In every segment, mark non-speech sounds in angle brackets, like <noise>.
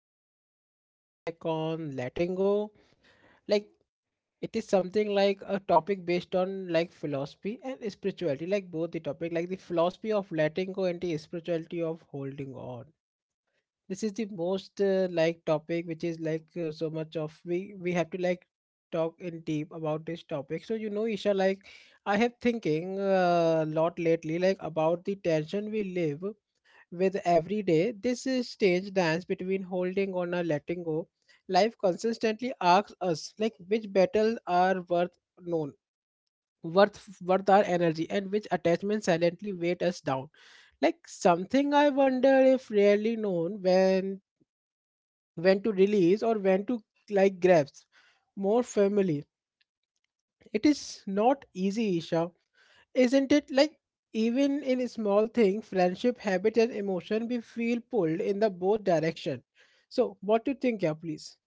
today's topic something like on letting go. Like it is something like a topic based on like philosophy and spirituality, like both the topic like the philosophy of letting go and the spirituality of holding on. This is the most like topic which is like so much of we have to like talk in deep about this topic, so you know Isha, like I have thinking a lot lately like about the tension we live with every day. This is strange dance between holding on and letting go. Life consistently asks us like which battles are worth known worth worth our energy, and which attachments silently weight us down. Like something I wonder if rarely known when to release or when to like grabs more firmly. It is not easy, Isha, isn't it? Like even in small things, friendship, habit, and emotion, we feel pulled in the both direction. So, what do you think, yeah, please?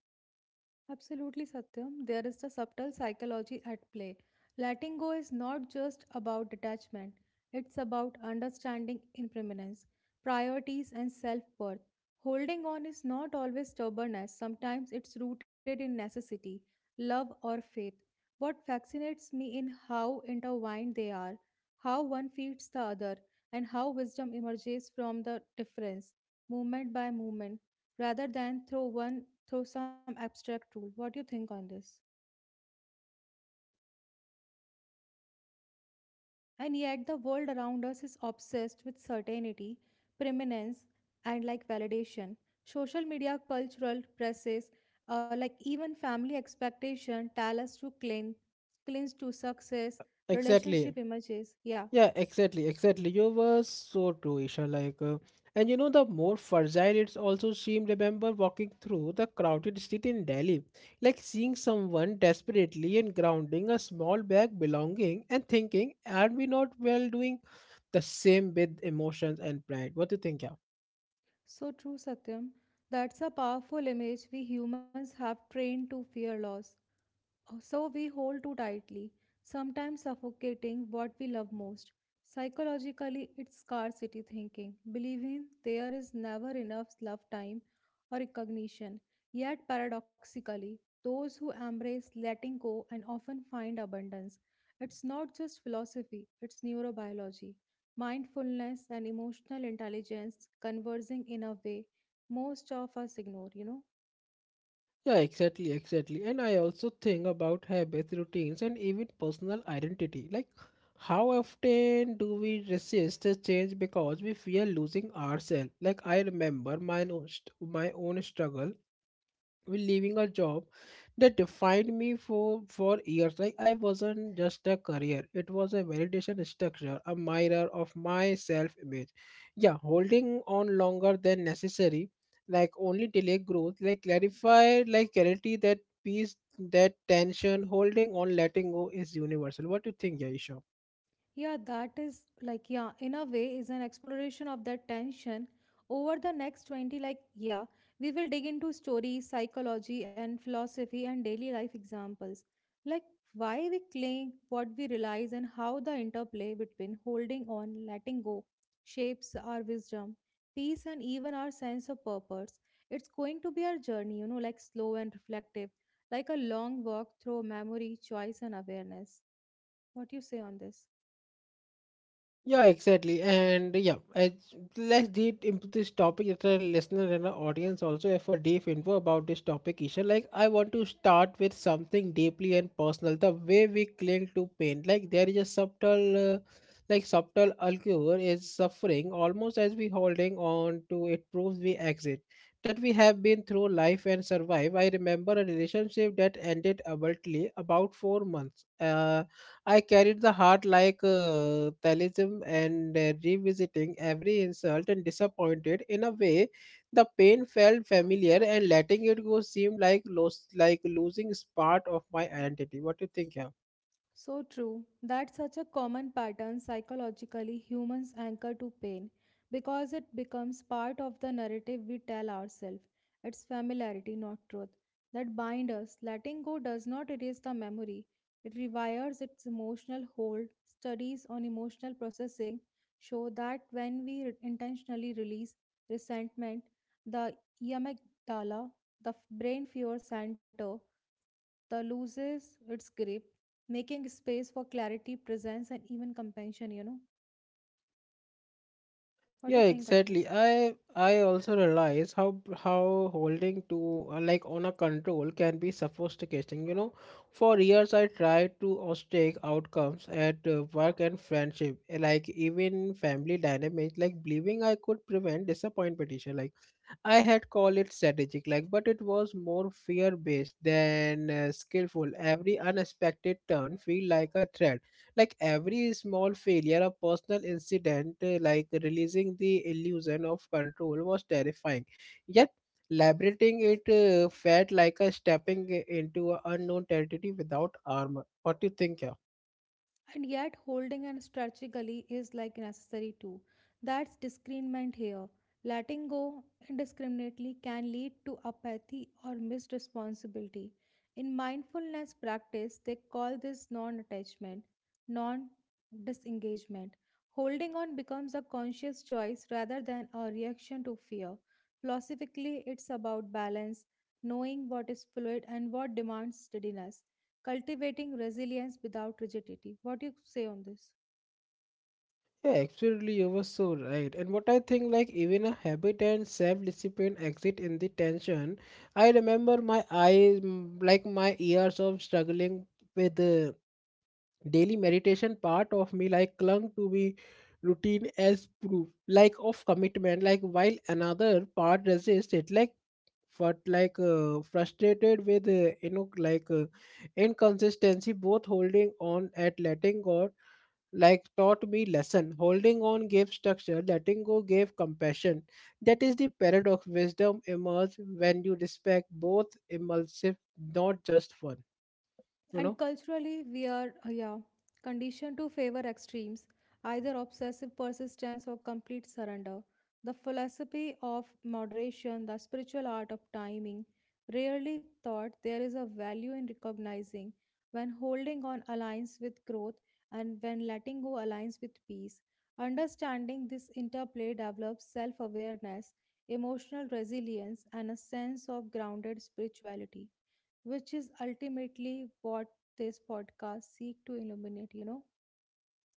Absolutely, Satyam. There is the subtle psychology at play. Letting go is not just about detachment, it's about understanding impermanence, priorities, and self worth. Holding on is not always stubbornness, sometimes it's rooted in necessity, love, or faith. What fascinates me in how intertwined they are, how one feeds the other, and how wisdom emerges from the difference, movement by movement, rather than through some abstract rule. What do you think on this? And yet, the world around us is obsessed with certainty, preeminence, and like validation. Social media, cultural presses, like even family expectation, tell us to cling to success, relationship Exactly. images. Yeah, Yeah, exactly, exactly. You were so true, Isha. Like, and you know, the more fragile it's also seemed. Remember walking through the crowded street in Delhi, like seeing someone desperately and grounding a small bag belonging and thinking, "Are we not well doing the same with emotions and pride?" What do you think? Yeah. so true, Satyam. That's a powerful image we humans have trained to fear loss. So we hold too tightly, sometimes suffocating what we love most. Psychologically, it's scarcity thinking, believing there is never enough love time or recognition. Yet, paradoxically, those who embrace letting go and often find abundance. It's not just philosophy, it's neurobiology, mindfulness, and emotional intelligence conversing in a way most of us ignore, you know. Yeah, exactly, exactly. And I also think about habits, routines, and even personal identity. Like, how often do we resist the change because we fear losing ourselves? Like, I remember my own struggle with leaving a job that defined me for years. Like I wasn't just a career, it was a validation structure, a mirror of my self image. Yeah, holding on longer than necessary like only delay growth, like clarify like clarity, that peace, that tension, holding on, letting go is universal. What do you think, yaisha? Yeah, that is yeah, in a way, is an exploration of that tension. Over the next 20, yeah, we will dig into stories, psychology, and philosophy and daily life examples. Like, why we cling, what we realize, and how the interplay between holding on, letting go, shapes our wisdom, peace, and even our sense of purpose. It's going to be our journey, you know, like slow and reflective, like a long walk through memory, choice, and awareness. What do you say on this? Yeah, exactly. And yeah, let's deep into this topic. If a listener and our audience also have a deep info about this topic, Isha, like I want to start with something deeply and personal. The way we cling to pain, like there is a subtle alcohol is suffering, almost as we holding on to it proves we exit that we have been through life and survive. I remember a relationship that ended abruptly about 4 months. I carried the heart like talisman and revisiting every insult and disappointed in a way, the pain felt familiar, and letting it go seemed like lost, like losing part of my identity. What do you think, yeah? So true. That's such a common pattern psychologically humans anchor to pain because it becomes part of the narrative we tell ourselves. It's familiarity, not truth, that binds us. Letting go does not erase the memory. It rewires its emotional hold. Studies on emotional processing show that when intentionally release resentment, the amygdala, the brain fear center, the loses its grip, making space for clarity, presence, and even compassion. You know, what do you Yeah, think on this? exactly. I also realize how holding to like on a control can be sophisticating. You know, for years I tried to austere outcomes at work and friendship, like even family dynamics, like believing I could prevent disappointment. Like I had called it strategic, like, but it was more fear-based than skillful. Every unexpected turn feel like a threat. Like every small failure, a personal incident, like releasing the illusion of control was terrifying. Yet, liberating it felt like a stepping into a unknown territory without armor. What do you think? And yet, holding and strategically is like necessary too. That's discernment here. Letting go indiscriminately can lead to apathy or missed responsibility. In mindfulness practice, they call this non attachment, non disengagement. Holding on becomes a conscious choice rather than a reaction to fear. Philosophically, it's about balance, knowing what is fluid and what demands steadiness cultivating resilience without rigidity. What do you say on this? Yeah, absolutely, you were so right. And what I think, like, even a habit and self discipline exit in the tension. I remember my eyes, mm, like, my years of struggling with daily meditation. Part of me like clung to be routine as proof, like of commitment, like while another part resists it, like but like frustrated with you know like inconsistency. Both holding on at letting go like taught me lesson. Holding on gave structure, letting go gave compassion. That is the paradox. Wisdom emerge when you respect both impulsive, not just one, you And know. culturally, we are, yeah, conditioned to favor extremes, either obsessive persistence or complete surrender. The philosophy of moderation, the spiritual art of timing, rarely thought there is a value in recognizing when holding on aligns with growth and when letting go aligns with peace. Understanding this interplay develops self awareness, emotional resilience, and a sense of grounded spirituality which is ultimately what this podcast seek to illuminate, you know.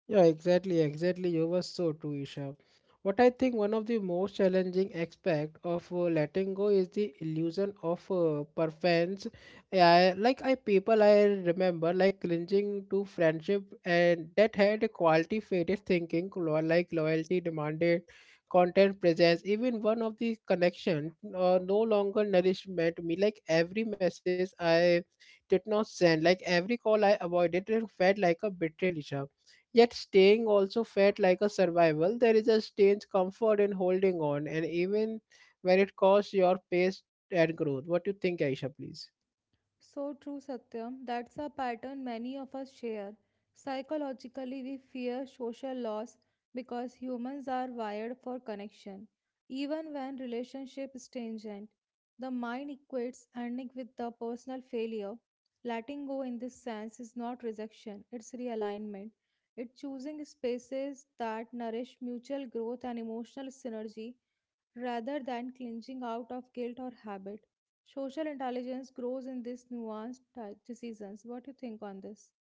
Yeah, exactly, exactly. You were so true, Isha. What I think one of the most challenging aspect of letting go is the illusion of preference. Yeah, like I remember like clinging to friendship and that had a quality faded, thinking loyalty demanded content presence, even one of the connection no longer nourishment me. Like every message I did not send, like every call I avoided, it felt like a betrayal, Isha. Yet staying also felt like a survival. There is a strange comfort in holding on, and even when it costs your pace and growth. What do you think, Aisha, please? So true, Satyam. That's a pattern many of us share. Psychologically, we fear social loss because humans are wired for connection. Even when relationship is tangent, the mind equates ending with the personal failure. Letting go in this sense is not rejection, it's realignment. It's choosing spaces that nourish mutual growth and emotional synergy rather than clinging out of guilt or habit. Social intelligence grows in these nuanced decisions. What do you think on this?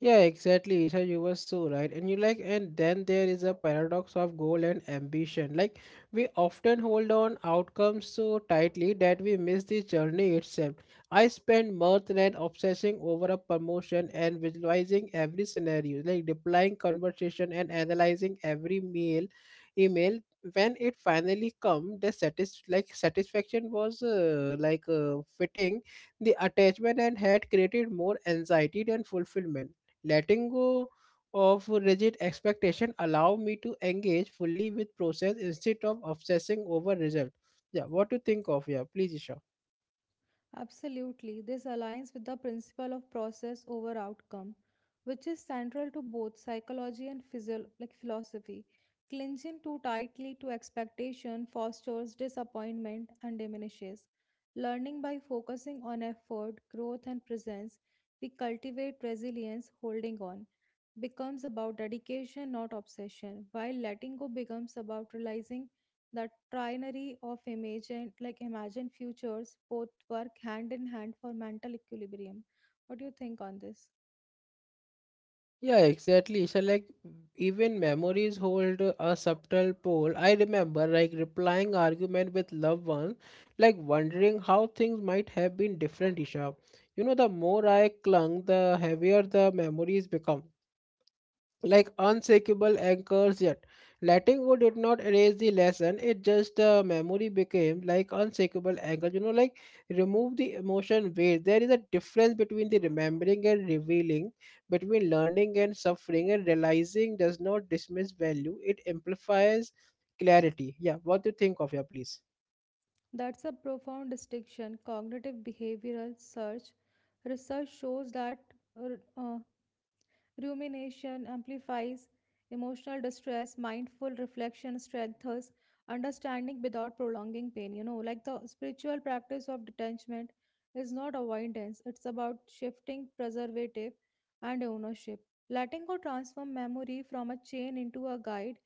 Yeah, exactly, Isha. You were so right. And you like, and then there is a paradox of goal and ambition. Like, we often hold on outcomes so tightly that we miss the journey itself. I spent months and obsessing over a promotion and visualizing every scenario, like replying conversation and analyzing every email. When it finally come, the satisfaction was fitting. The attachment and had created more anxiety than fulfillment. Letting go of rigid expectation allow me to engage fully with process instead of obsessing over result. Yeah, what to think of, yeah, please, Isha? Absolutely. This aligns with the principle of process over outcome, which is central to both psychology and like philosophy. Clinging too tightly to expectation fosters disappointment and diminishes. Learning by focusing on effort, growth, and presence, we cultivate resilience, holding on becomes about dedication, not obsession, while letting go becomes about realizing that trinary of imagine futures both work hand in hand for mental equilibrium. What do you think on this? Yeah, exactly, Isha. Like even memories hold a subtle pull. I remember like replying argument with loved ones, like wondering how things might have been different, Isha. You know, the more I clung, the heavier the memories become, like unshakable anchors. Yet letting go did not erase the lesson, it just memory became like unshakable anchors. You know, like remove the emotion weight. There is a difference between the remembering and revealing, between learning and suffering, and realizing does not dismiss value, it amplifies clarity. Yeah, what do you think of, yeah, please? That's a profound distinction cognitive behavioral search research shows that uh, rumination amplifies emotional distress, mindful reflection strengthens understanding without prolonging pain. You know, like the spiritual practice of detachment is not avoidance, it's about shifting preservative and ownership. Letting go transform memory from a chain into a guide,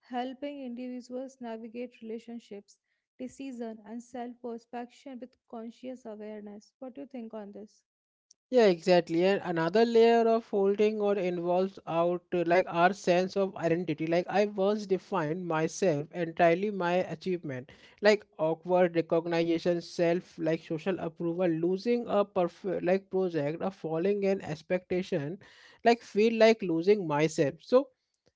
helping individuals navigate relationships, decision, and self-perception with conscious awareness. What do you think on this? Yeah, exactly. And another layer of holding or involves out like our sense of identity. Like I once defined myself entirely my achievement, like awkward recognition, self like social approval, losing a perfect like project, or falling an expectation, like feel like losing myself. So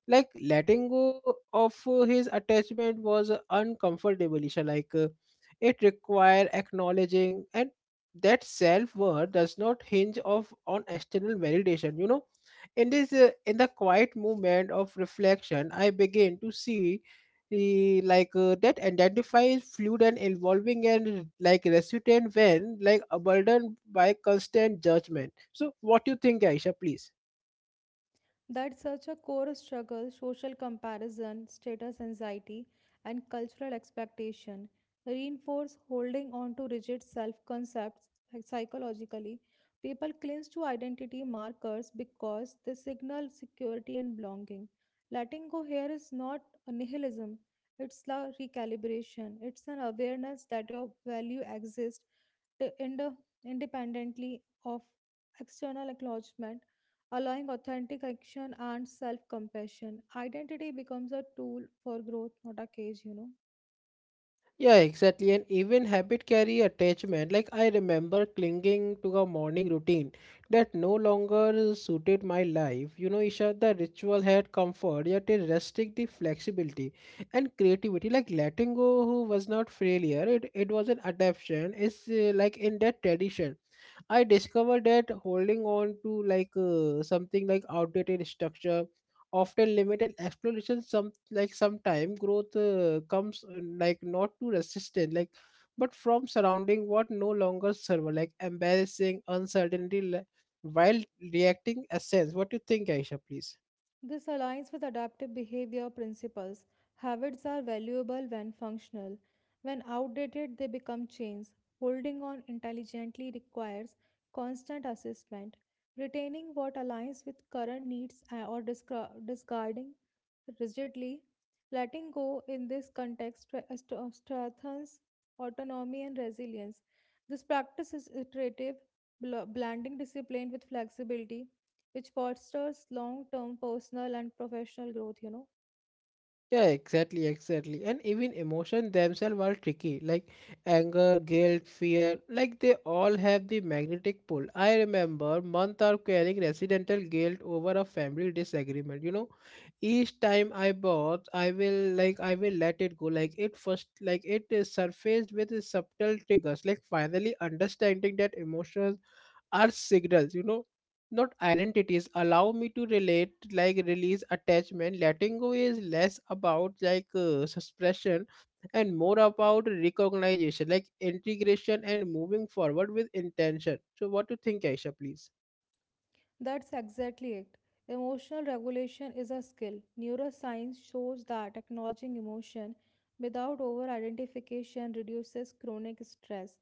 like letting go of his attachment was uncomfortable, Isha. Like it required acknowledging and that self worth does not hinge of on external validation, you know. In this in the quiet moment of reflection, I begin to see the like that identify is fluid and evolving and like resilient when like abandoned by constant judgment. So what do you think, Aisha, please? That such a core struggle social comparison, status anxiety, and cultural expectation reinforce holding on to rigid self concepts psychologically. People cling to identity markers because they signal security and belonging. Letting go here is not a nihilism, it's a recalibration, it's an awareness that your value exists to ind- independently of external acknowledgement allowing authentic action and self compassion. Identity becomes a tool for growth, not a cage, you know. Yeah, exactly. And even habit carry attachment. Like I remember clinging to a morning routine that no longer suited my life. You know, Isha, the ritual had comfort, yet it restricted the flexibility and creativity. Like letting go who was not failure, it was an adaptation. It's like in that tradition. I discovered that holding on to like something like outdated structure often limited exploration. Like sometime growth comes like not to resistance, like but from surrounding what no longer serve, like embarrassing uncertainty while reacting essence. What do you think, Aisha, please? This aligns with adaptive behavior principles. Habits are valuable when functional. When outdated, they become chains. Holding on intelligently requires constant assessment. Retaining what aligns with current needs or discarding rigidly. Letting go in this context strengthens autonomy and resilience. This practice is iterative, blending discipline with flexibility which fosters long term personal and professional growth, you know. Yeah, exactly, exactly. And even emotion themselves are tricky, like anger, guilt, fear, like they all have the magnetic pull. I remember month of carrying residential guilt over a family disagreement. You know, each time I bought, I will let it go. Like it first, like it is surfaced with subtle triggers. Like finally understanding that emotions are signals. You know, not identities allow me to relate like release attachment. Letting go is less about like suppression and more about recognition, like integration and moving forward with intention. So what do you think, Aisha, please? That's exactly it. Emotional regulation is a skill. Neuroscience shows that acknowledging emotion without over identification reduces chronic stress.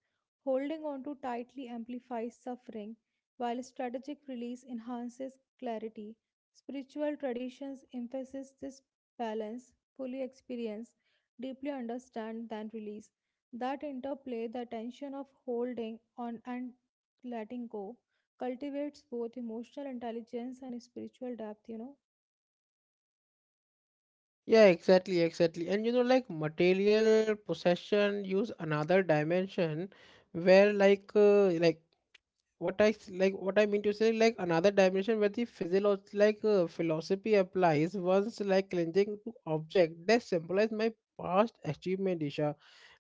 Holding on to tightly amplifies suffering, while strategic release enhances clarity. Spiritual traditions emphasize this balance, fully experience, deeply understand, then release. That interplay, the tension of holding on and letting go, cultivates both emotional intelligence and spiritual depth, you know. Yeah, exactly, exactly. And you know, like material possession use another dimension where like what I mean to say, like another dimension where the physiology like philosophy applies. Once like cleansing to object that symbolize my past achievement, Isha,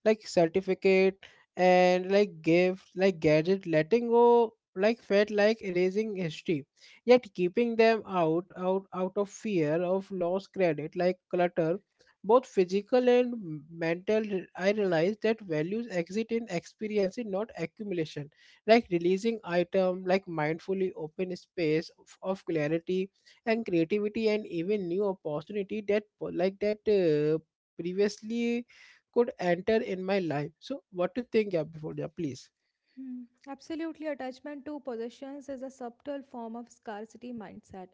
like certificate and like gift like gadget, letting go like felt like erasing history. Yet keeping them out of fear of lost credit, like clutter, both physical and mental. I realized that values exist in experience, not accumulation. Like releasing item like mindfully open space of clarity and creativity, and even new opportunity that previously could enter in my life. So what to think, yeah, before, yeah, please? Hmm, Absolutely, attachment to possessions is a subtle form of scarcity mindset.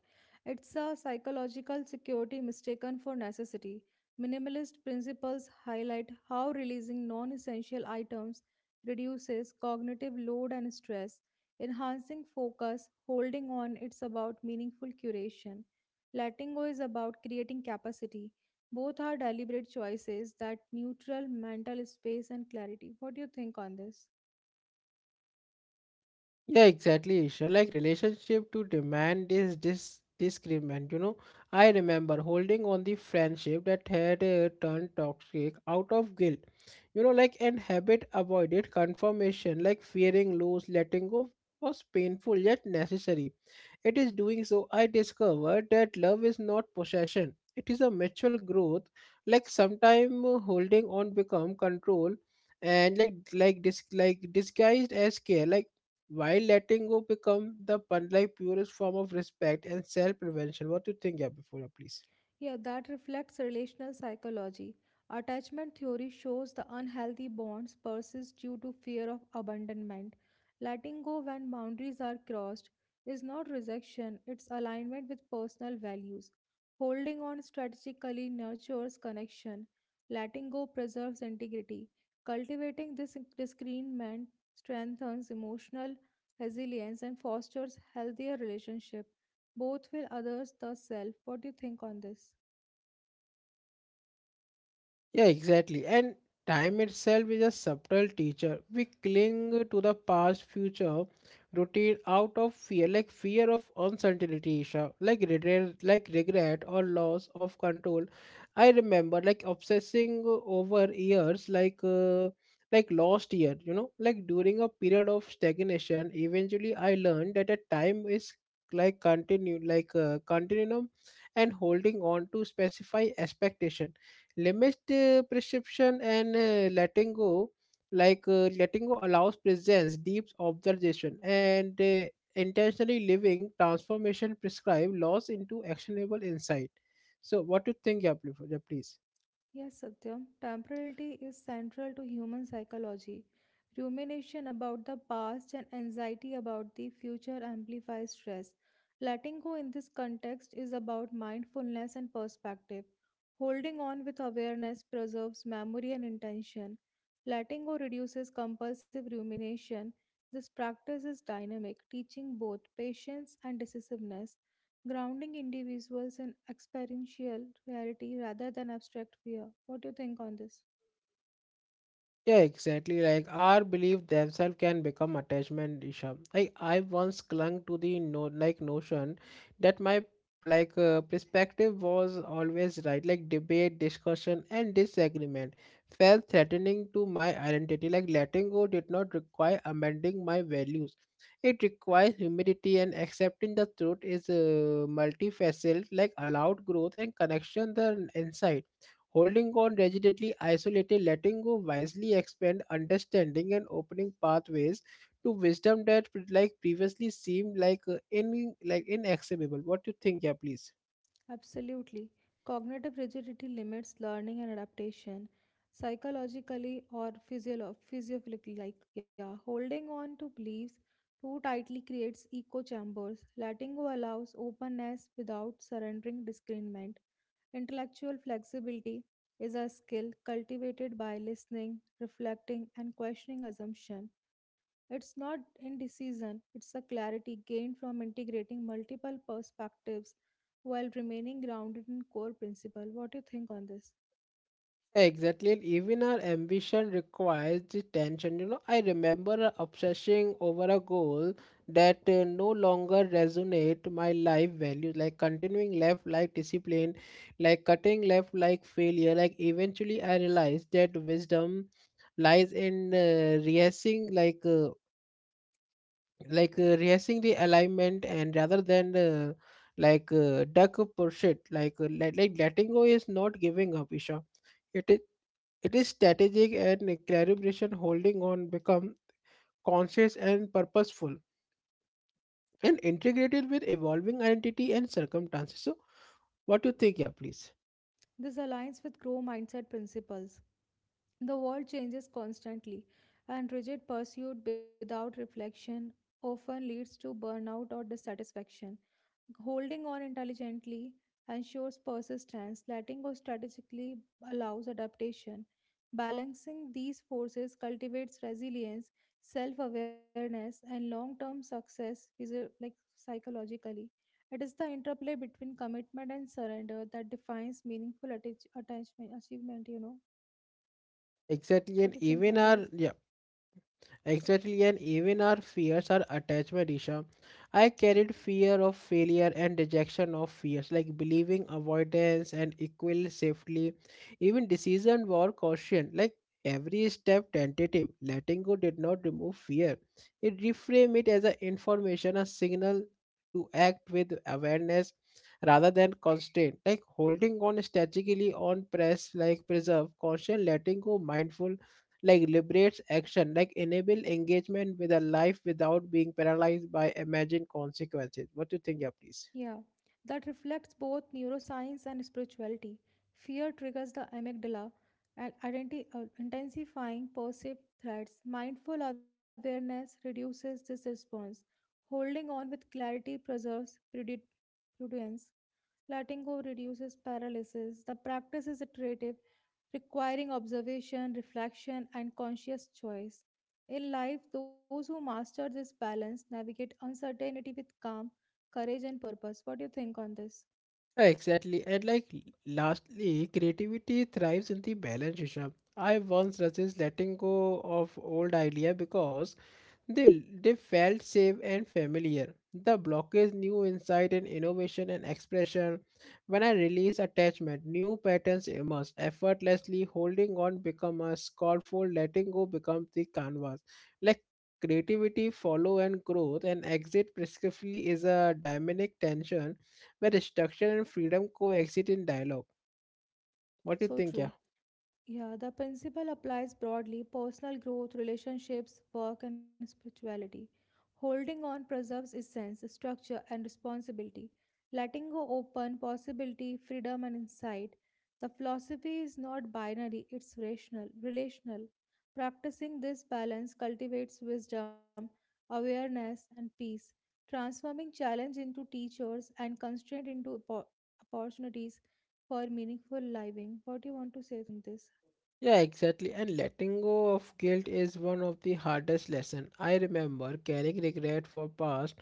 It's a psychological security mistaken for necessity. Minimalist principles highlight how releasing non essential items reduces cognitive load and stress, enhancing focus, holding on, it's about meaningful curation. Letting go is about creating capacity. Both are deliberate choices that neutral mental space and clarity. What do you think on this? Yeah, exactly. Sure. Like relationship to demand is this disagreement. You know, I remember holding on the friendship that had turned toxic out of guilt. You know, like and habit avoided confirmation, like fearing lose, letting go was painful yet necessary. It is doing so I discovered that love is not possession. It is a mutual growth. Like sometime holding on become control and disguised as care. Like while letting go become the purest form of respect and self prevention. What do you think, yeah, before, yeah, please? Yeah, that reflects relational psychology. Attachment theory shows the unhealthy bonds persist due to fear of abandonment. Letting go when boundaries are crossed is not rejection, it's alignment with personal values. Holding on strategically nurtures connection. Letting go preserves integrity. Cultivating this discernment strengthens emotional resilience and fosters healthier relationship both with others the self. What do you think on this? Yeah, exactly. And time itself is a subtle teacher. We cling to the past, future, routine out of fear, like fear of uncertainty, Isha, like regret or loss of control. I remember like obsessing over years, like lost year. You know, like during a period of stagnation. Eventually, I learned that a time is like continue, continuum, and holding on to specify expectation limits the prescription and letting go letting go allows presence deep observation and intentionally living transformation prescribe laws into actionable insight so what do you think, yeah, please. Yeah, please. Yes, Satyam. Temporality is central to human psychology. Rumination about the past and anxiety about the future amplifies stress. Letting go in this context is about mindfulness and perspective. Holding on with awareness preserves memory and intention. Letting go reduces compulsive rumination. This practice is dynamic, teaching both patience and decisiveness grounding individuals in experiential reality rather than abstract fear. What do you think on this? Yeah, exactly. Like our belief themselves can become attachment, Isha. Like I once clung to the no like notion that my perspective was always right. Like debate, discussion, and disagreement felt threatening to my identity. Like letting go did not require amending my values. It requires humility and accepting the truth is multifaceted. Like allowed growth and connection, the insight holding on rigidly isolated letting go wisely expand understanding and opening pathways to wisdom that previously seemed like inaccessible. What do you think, yeah, please? Absolutely. Cognitive rigidity limits learning and adaptation psychologically or physiologically. Like, yeah, holding on to beliefs too tightly creates echo chambers. Letting go allows openness without surrendering discernment. Intellectual flexibility is a skill cultivated by listening, reflecting, and questioning assumption. It's not indecision, it's a clarity gained from integrating multiple perspectives while remaining grounded in core principle. What do you think on this? Exactly, and even our ambition requires the tension. You know, I remember obsessing over a goal that no longer resonate my life values, like continuing left like discipline, like cutting left like failure. Like eventually, I realized that wisdom lies in rehearsing, rehearsing the alignment, and rather than duck pursuit, like letting go is not giving up, Isha. It is it is strategic and calibration holding on become conscious and purposeful and integrated with evolving identity and circumstances. So what do you think, yeah, please? This aligns with grow mindset principles. The world changes constantly, and rigid pursuit without reflection often leads to burnout or dissatisfaction. Holding on intelligently ensures persistence, letting go strategically allows adaptation. Balancing these forces cultivates resilience, self awareness, and long term success psychologically. It is the interplay between commitment and surrender that defines meaningful attachment achievement. You know, Exactly, what and do you think even on this? our yeah. Exactly, and even our fears are attachment, Isha. I carried fear of failure and rejection of fears, like believing avoidance and equal safely. Even decision were caution, like every step tentative. Letting go did not remove fear. It reframed it as an information, a signal to act with awareness rather than constraint. Like holding on strategically on press, like preserve, caution, letting go, mindful like liberates action like enable engagement with a life without being paralyzed by imagined consequences. What do you think, yeah, please? Yeah, that reflects both neuroscience and spirituality. Fear triggers the amygdala, and intensifying perceived threats. Mindful awareness reduces this response. Holding on with clarity preserves prudence. Letting go reduces paralysis. The practice is iterative, requiring observation, reflection, and conscious choice. In life, those who master this balance navigate uncertainty with calm, courage, and purpose. What do you think on this? Exactly. And like lastly, creativity thrives in the balance, Rishabh. I once resist letting go of old idea because they felt safe and familiar. The blockage, new insight and innovation and expression. When I release attachment, new patterns emerge effortlessly. Holding on become a scaffold, letting go become the canvas. Like creativity, follow and growth, and exit prescriptively is a dynamic tension where destruction and freedom coexist in dialogue. What do you So think, true. yeah? Yeah, the principle applies broadly personal growth, relationships, work, and spirituality. Holding on preserves essence, structure, and responsibility. Letting go open possibility, freedom, and insight. The philosophy is not binary, it's rational, relational. Practicing this balance cultivates wisdom, awareness, and peace, transforming challenge into teachers and constraint into opportunities for meaningful living. What do you want to say on this? Yeah, exactly. And letting go of guilt is one of the hardest lessons. I remember carrying regret for past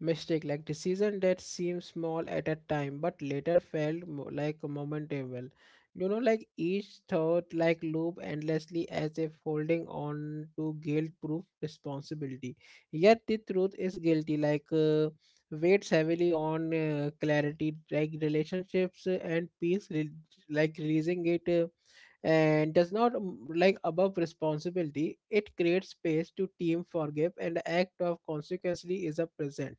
mistake like decision that seemed small at a time but later felt momentable. You know, like each thought like loop endlessly as if holding on to guilt-proof responsibility. Yet the truth is guilty weighs heavily on clarity like relationships and peace releasing it. And does not like above responsibility, it creates space to team forgive and the act of consequently is a present.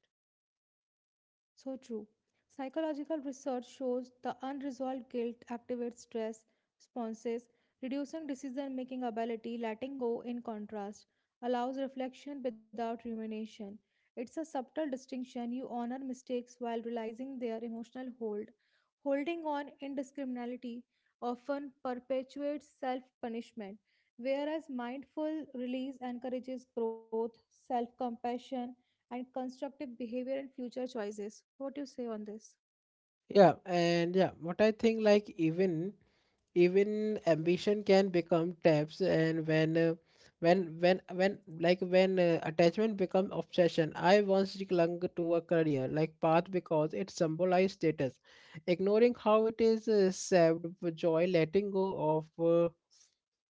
So true. Psychological research shows the unresolved guilt activates stress responses, reducing decision making ability. Letting go, in contrast, allows reflection without rumination. It's a subtle distinction. You honor mistakes while realizing their emotional hold. Holding on indiscriminately often perpetuates self punishment, whereas mindful release encourages growth, self compassion, and constructive behavior and future choices. What do you say on this? Yeah, and yeah, what I think like even even ambition can become tabs and when when attachment become obsession. I once clung to a career like path because it symbolized status, ignoring how it is served with joy. Letting go of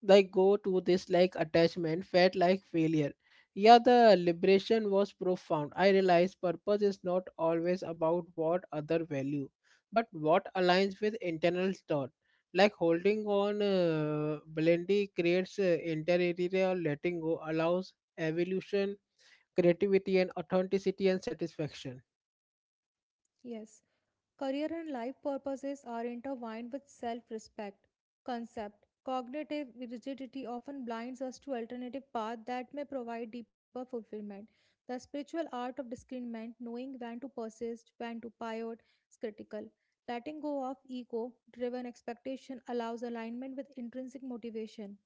like go to this like attachment felt like failure, yeah. The liberation was profound. I realized purpose is not always about what other value but what aligns with internal thought. Like holding on blendy creates interior, letting go allows evolution, creativity and authenticity and satisfaction. Yes. Career and life purposes are intertwined with self respect concept. Cognitive rigidity often blinds us to alternative paths that may provide deeper fulfillment. The spiritual art of discernment, knowing when to persist, when to pivot, is critical. Letting go of ego driven expectation allows alignment with intrinsic motivation,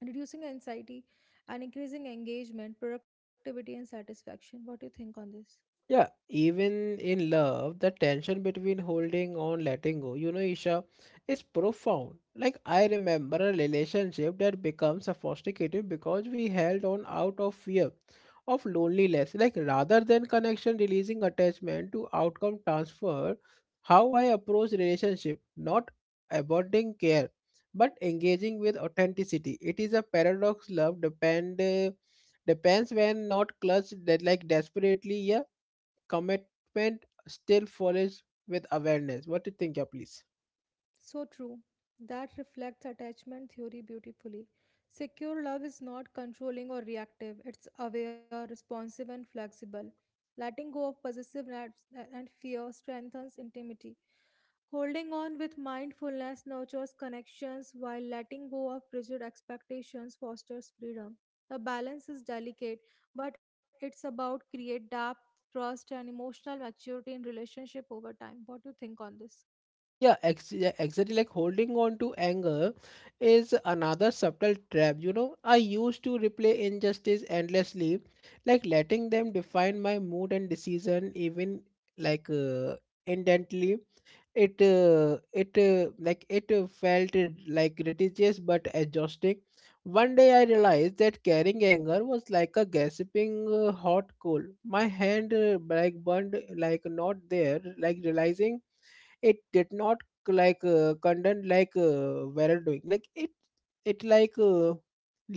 reducing anxiety and increasing engagement, productivity, and satisfaction. What do you think on this? Yeah, even in love, the tension between holding on, letting go, you know, Isha, is profound. Like, I remember a relationship that becomes sophisticated because we held on out of fear of loneliness. Like, rather than connection, releasing attachment to outcome transfer, how I approach relationship, not abandoning care, but engaging with authenticity. It is a paradox love depend. Depends when not clutched that like desperately, yeah, commitment still follows with awareness. What do you think, yeah, please? So true. That reflects attachment theory beautifully. Secure love is not controlling or reactive, it's aware, responsive, and flexible. Letting go of possessiveness and fear strengthens intimacy. Holding on with mindfulness nurtures connections, while letting go of rigid expectations fosters freedom. The balance is delicate, but it's about create depth, trust, and emotional maturity in relationship over time. What do you think on this? Yeah, exactly. Like holding on to anger is another subtle trap. You know, I used to replay injustice endlessly, like letting them define my mood and decision, even like uh, intently. It felt it like ridiculous but exhausting. One day I realized that carrying anger was like a gasping hot coal my hand like burned like not there like realizing it did not condemn were doing like it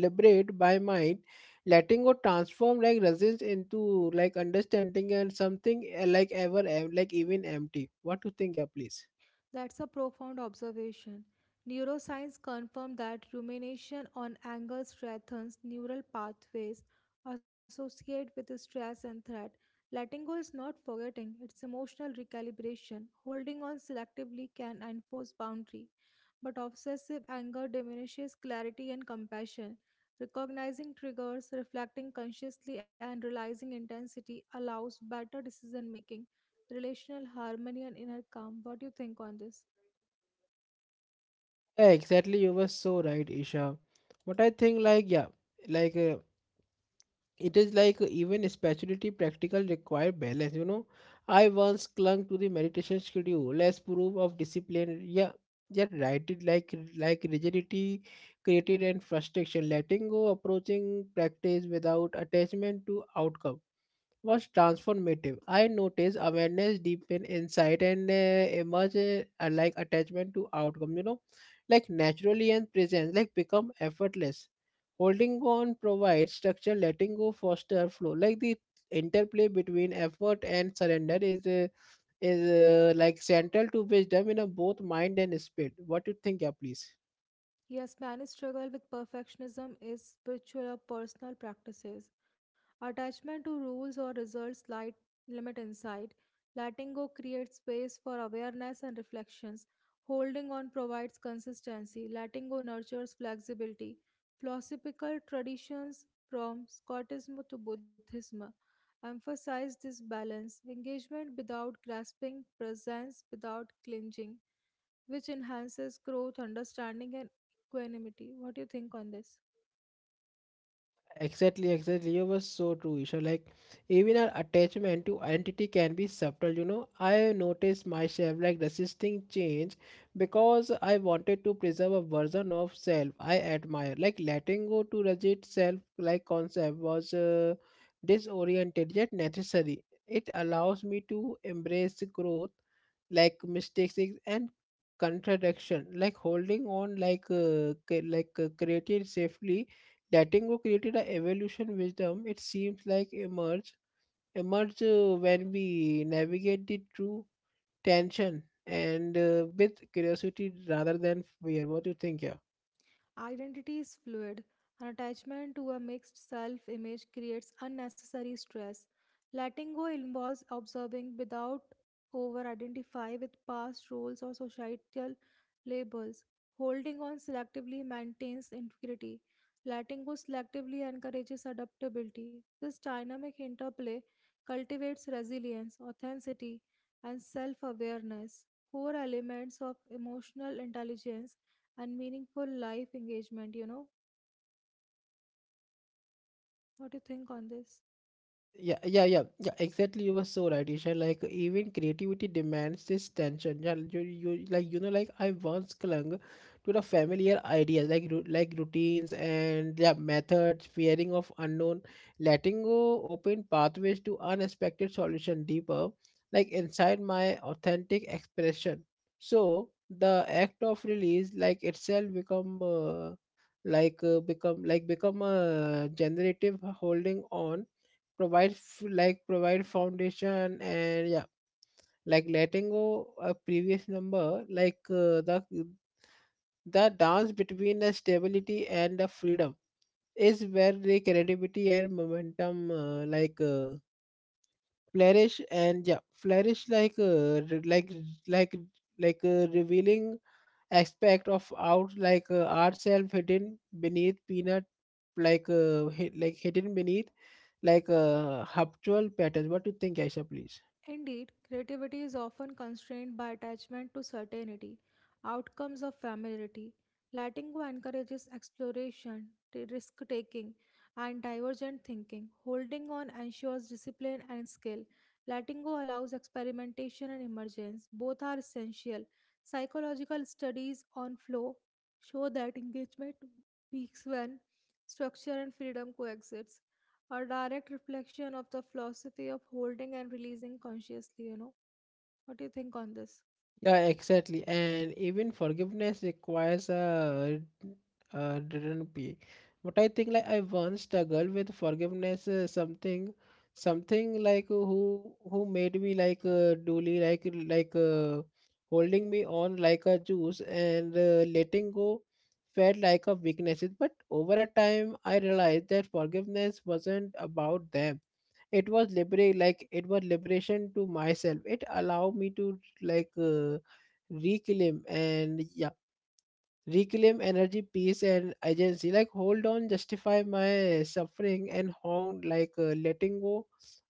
liberate by mind. Letting go transform like resistance into like understanding and something like even empty. What to think, yeah, please? That's a profound observation. Neuroscience confirmed that rumination on anger strengthens neural pathways associated with stress and threat. Letting go is not forgetting, it's emotional recalibration. Holding on selectively can enforce boundary, but obsessive anger diminishes clarity and compassion. Recognizing triggers, reflecting consciously, and realizing intensity allows better decision making relational harmony and inner calm. What do you think on this? Yeah, exactly. You were so right, Isha. What I think, like, yeah, like it is like even spirituality practical require balance. You know, I once clung to the meditation schedule, less proof of discipline. Yeah, yet right it like rigidity created and frustration. Letting go, approaching practice without attachment to outcome was transformative. I noticed awareness, deepen insight, and emerge like attachment to outcome. You know, like naturally and presence, like become effortless. Holding on provides structure. Letting go foster flow. Like the interplay between effort and surrender is like central to wisdom in a both mind and spirit. What do you think, yeah, please? Yes, many struggle with perfectionism is spiritual or personal practices. Attachment to rules or results light, limit insight. Letting go creates space for awareness and reflections. Holding on provides consistency. Letting go nurtures flexibility. Philosophical traditions from Scotism to Buddhism emphasize this balance. Engagement without grasping, presence without clinging which enhances growth, understanding, and equanimity. What do you think on this? Exactly, exactly. You were so true, Isha. Like even our attachment to identity can be subtle, you know. I noticed myself like resisting change because I wanted to preserve a version of self I admire. Like letting go to rigid self like concept was disoriented yet necessary. It allows me to embrace growth like mistakes and contradiction like holding on created safely. Letting go created a evolution wisdom it seems like emerge when we navigate the true tension and with curiosity rather than fear. What do you think, yeah? Identity is fluid, and attachment to a mixed self image creates unnecessary stress. Letting go involves observing without over identify with past roles or societal labels. Holding on selectively maintains integrity. Letting go selectively encourages adaptability. This dynamic interplay cultivates resilience, authenticity, and self awareness, core elements of emotional intelligence and meaningful life engagement, you know. What do you think on this? Yeah. Exactly, you were so right, Isha. Like even creativity demands this tension. Yeah, you know, like I once clung to the familiar ideas, like routines and yeah, methods, fearing of unknown, letting go, open pathways to unexpected solution deeper, like inside my authentic expression. So the act of release, like itself, become become a generative holding on provide provide foundation, and yeah, like letting go a previous number the dance between the stability and the freedom is where the creativity and momentum flourish, and yeah, flourish like like a revealing aspect of out ourself hidden beneath peanut, like hidden beneath habitual patterns. What do you think, Aisha, please? Indeed, creativity is often constrained by attachment to certainty, outcomes of familiarity. Letting go encourages exploration, risk taking, and divergent thinking. Holding on ensures discipline and skill. Letting go allows experimentation and emergence. Both are essential. Psychological studies on flow show that engagement peaks when structure and freedom coexist. A direct reflection of the philosophy of holding and releasing consciously, you know. What do you think on this? Yeah, exactly. And even forgiveness requires a return pay. But I think like I once struggled with forgiveness something something like who made me like duly like holding me on like a juice, and letting go felt like a weakness. But over a time I realized that forgiveness wasn't about them, it was liberate like it was liberation to myself. It allowed me to like uh, reclaim, and yeah, reclaim energy peace and agency like hold on justify my suffering and hong letting go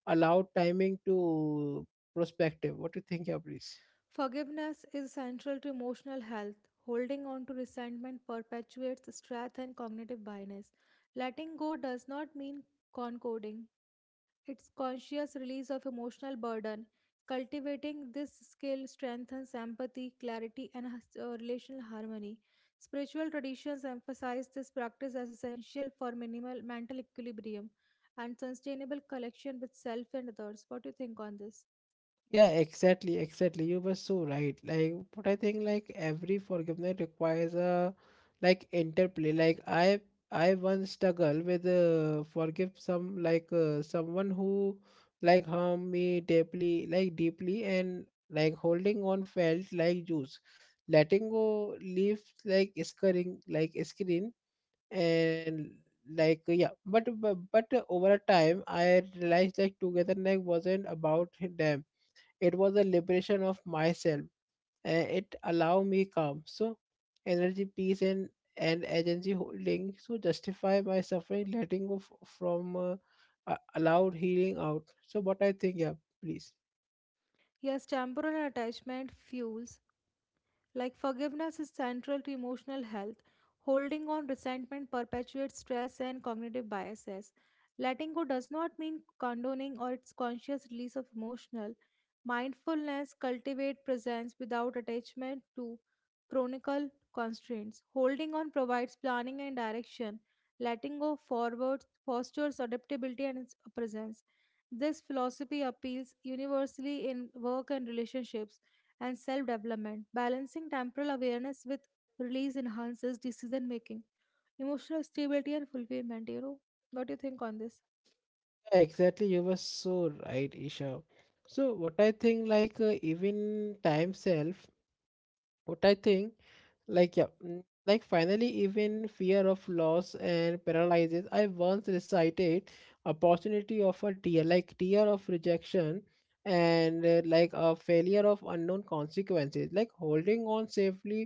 allow timing to prospective. What do you think, yeah, please? Forgiveness is central to emotional health. Holding on to resentment perpetuates stress and cognitive bias. Letting go does not mean concording, it's conscious release of emotional burden. Cultivating this skill strengthens empathy, clarity, and relational harmony. Spiritual traditions emphasize this practice as essential for minimal mental equilibrium and sustainable connection with self and others. What do you think on this? Yeah, exactly, exactly. You were so right. Like, but I think like every forgiveness requires a like interplay. Like I once struggle with forgive some someone who like harmed me deeply, like deeply, and like holding on felt like juice. Letting go leaves like scarring, like screen, and like yeah. But over a time, I realized like togetherness wasn't about them, it was a liberation of myself and it allowed me calm so energy peace and agency holding so justify my suffering letting go f- from allowed healing out. So what I think, yeah, please? Yes, temporal attachment fuels like forgiveness is central to emotional health. Holding on resentment perpetuates stress and cognitive biases. Letting go does not mean condoning or its conscious release of emotional. Mindfulness cultivate presence without attachment to chronical constraints. Holding on provides planning and direction. Letting go forward fosters adaptability and its presence. This philosophy appeals universally in work and relationships and self development. Balancing temporal awareness with release enhances decision making, emotional stability, and fulfillment. You know, what do you think on this? Yeah, exactly, you were so right, Isha. So what I think even time self, what I think. Like yeah, like finally, even fear of loss and paralyzes. I once recited opportunity of a tear, like tear of rejection, and like a failure of unknown consequences. Like holding on safely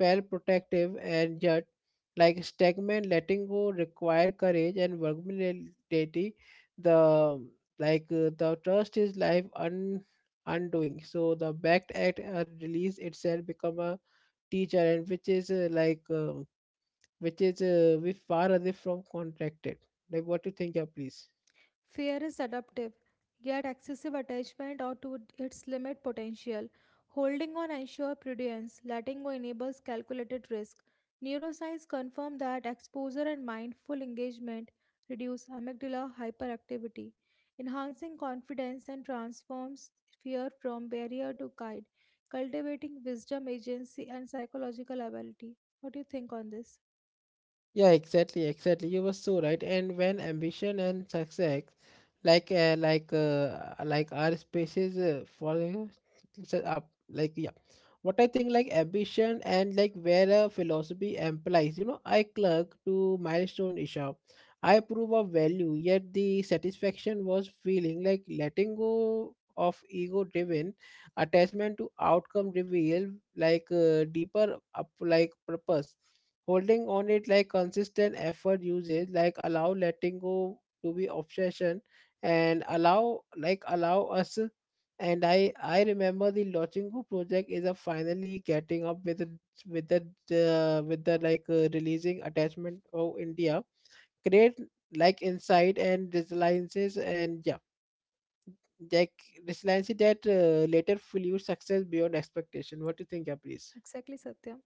felt protective, and yet, like stagnant, letting go require courage and vulnerability. The the trust is life un undoing. So the backed act release itself become a teacher and which is we far away from contracted. Like what you think, yeah, please? Fear is adaptive, yet excessive attachment or to its limit potential. Holding on ensures prudence, letting go enables calculated risk. Neuroscience confirmed that exposure and mindful engagement reduce amygdala hyperactivity, enhancing confidence and transforms fear from barrier to guide, cultivating wisdom, agency, and psychological ability. What do you think on this? Yeah, exactly, exactly. You were so right. And when ambition and success, like like our spaces for set up, like yeah, what I think, like ambition and like where a philosophy implies, I clerk to milestone, Isha. I prove of value, yet the satisfaction was feeling like letting go of ego driven attachment to outcome reveal deeper up like purpose, holding on it like consistent effort uses, like allow letting go to be obsession and allow us. And I remember the lochingo project is a finally getting up with the releasing attachment of india create like insight and resiliences, and yeah, like resiliency that later fuel success beyond expectation. What do you think? Yeah, please. Exactly, Satyam.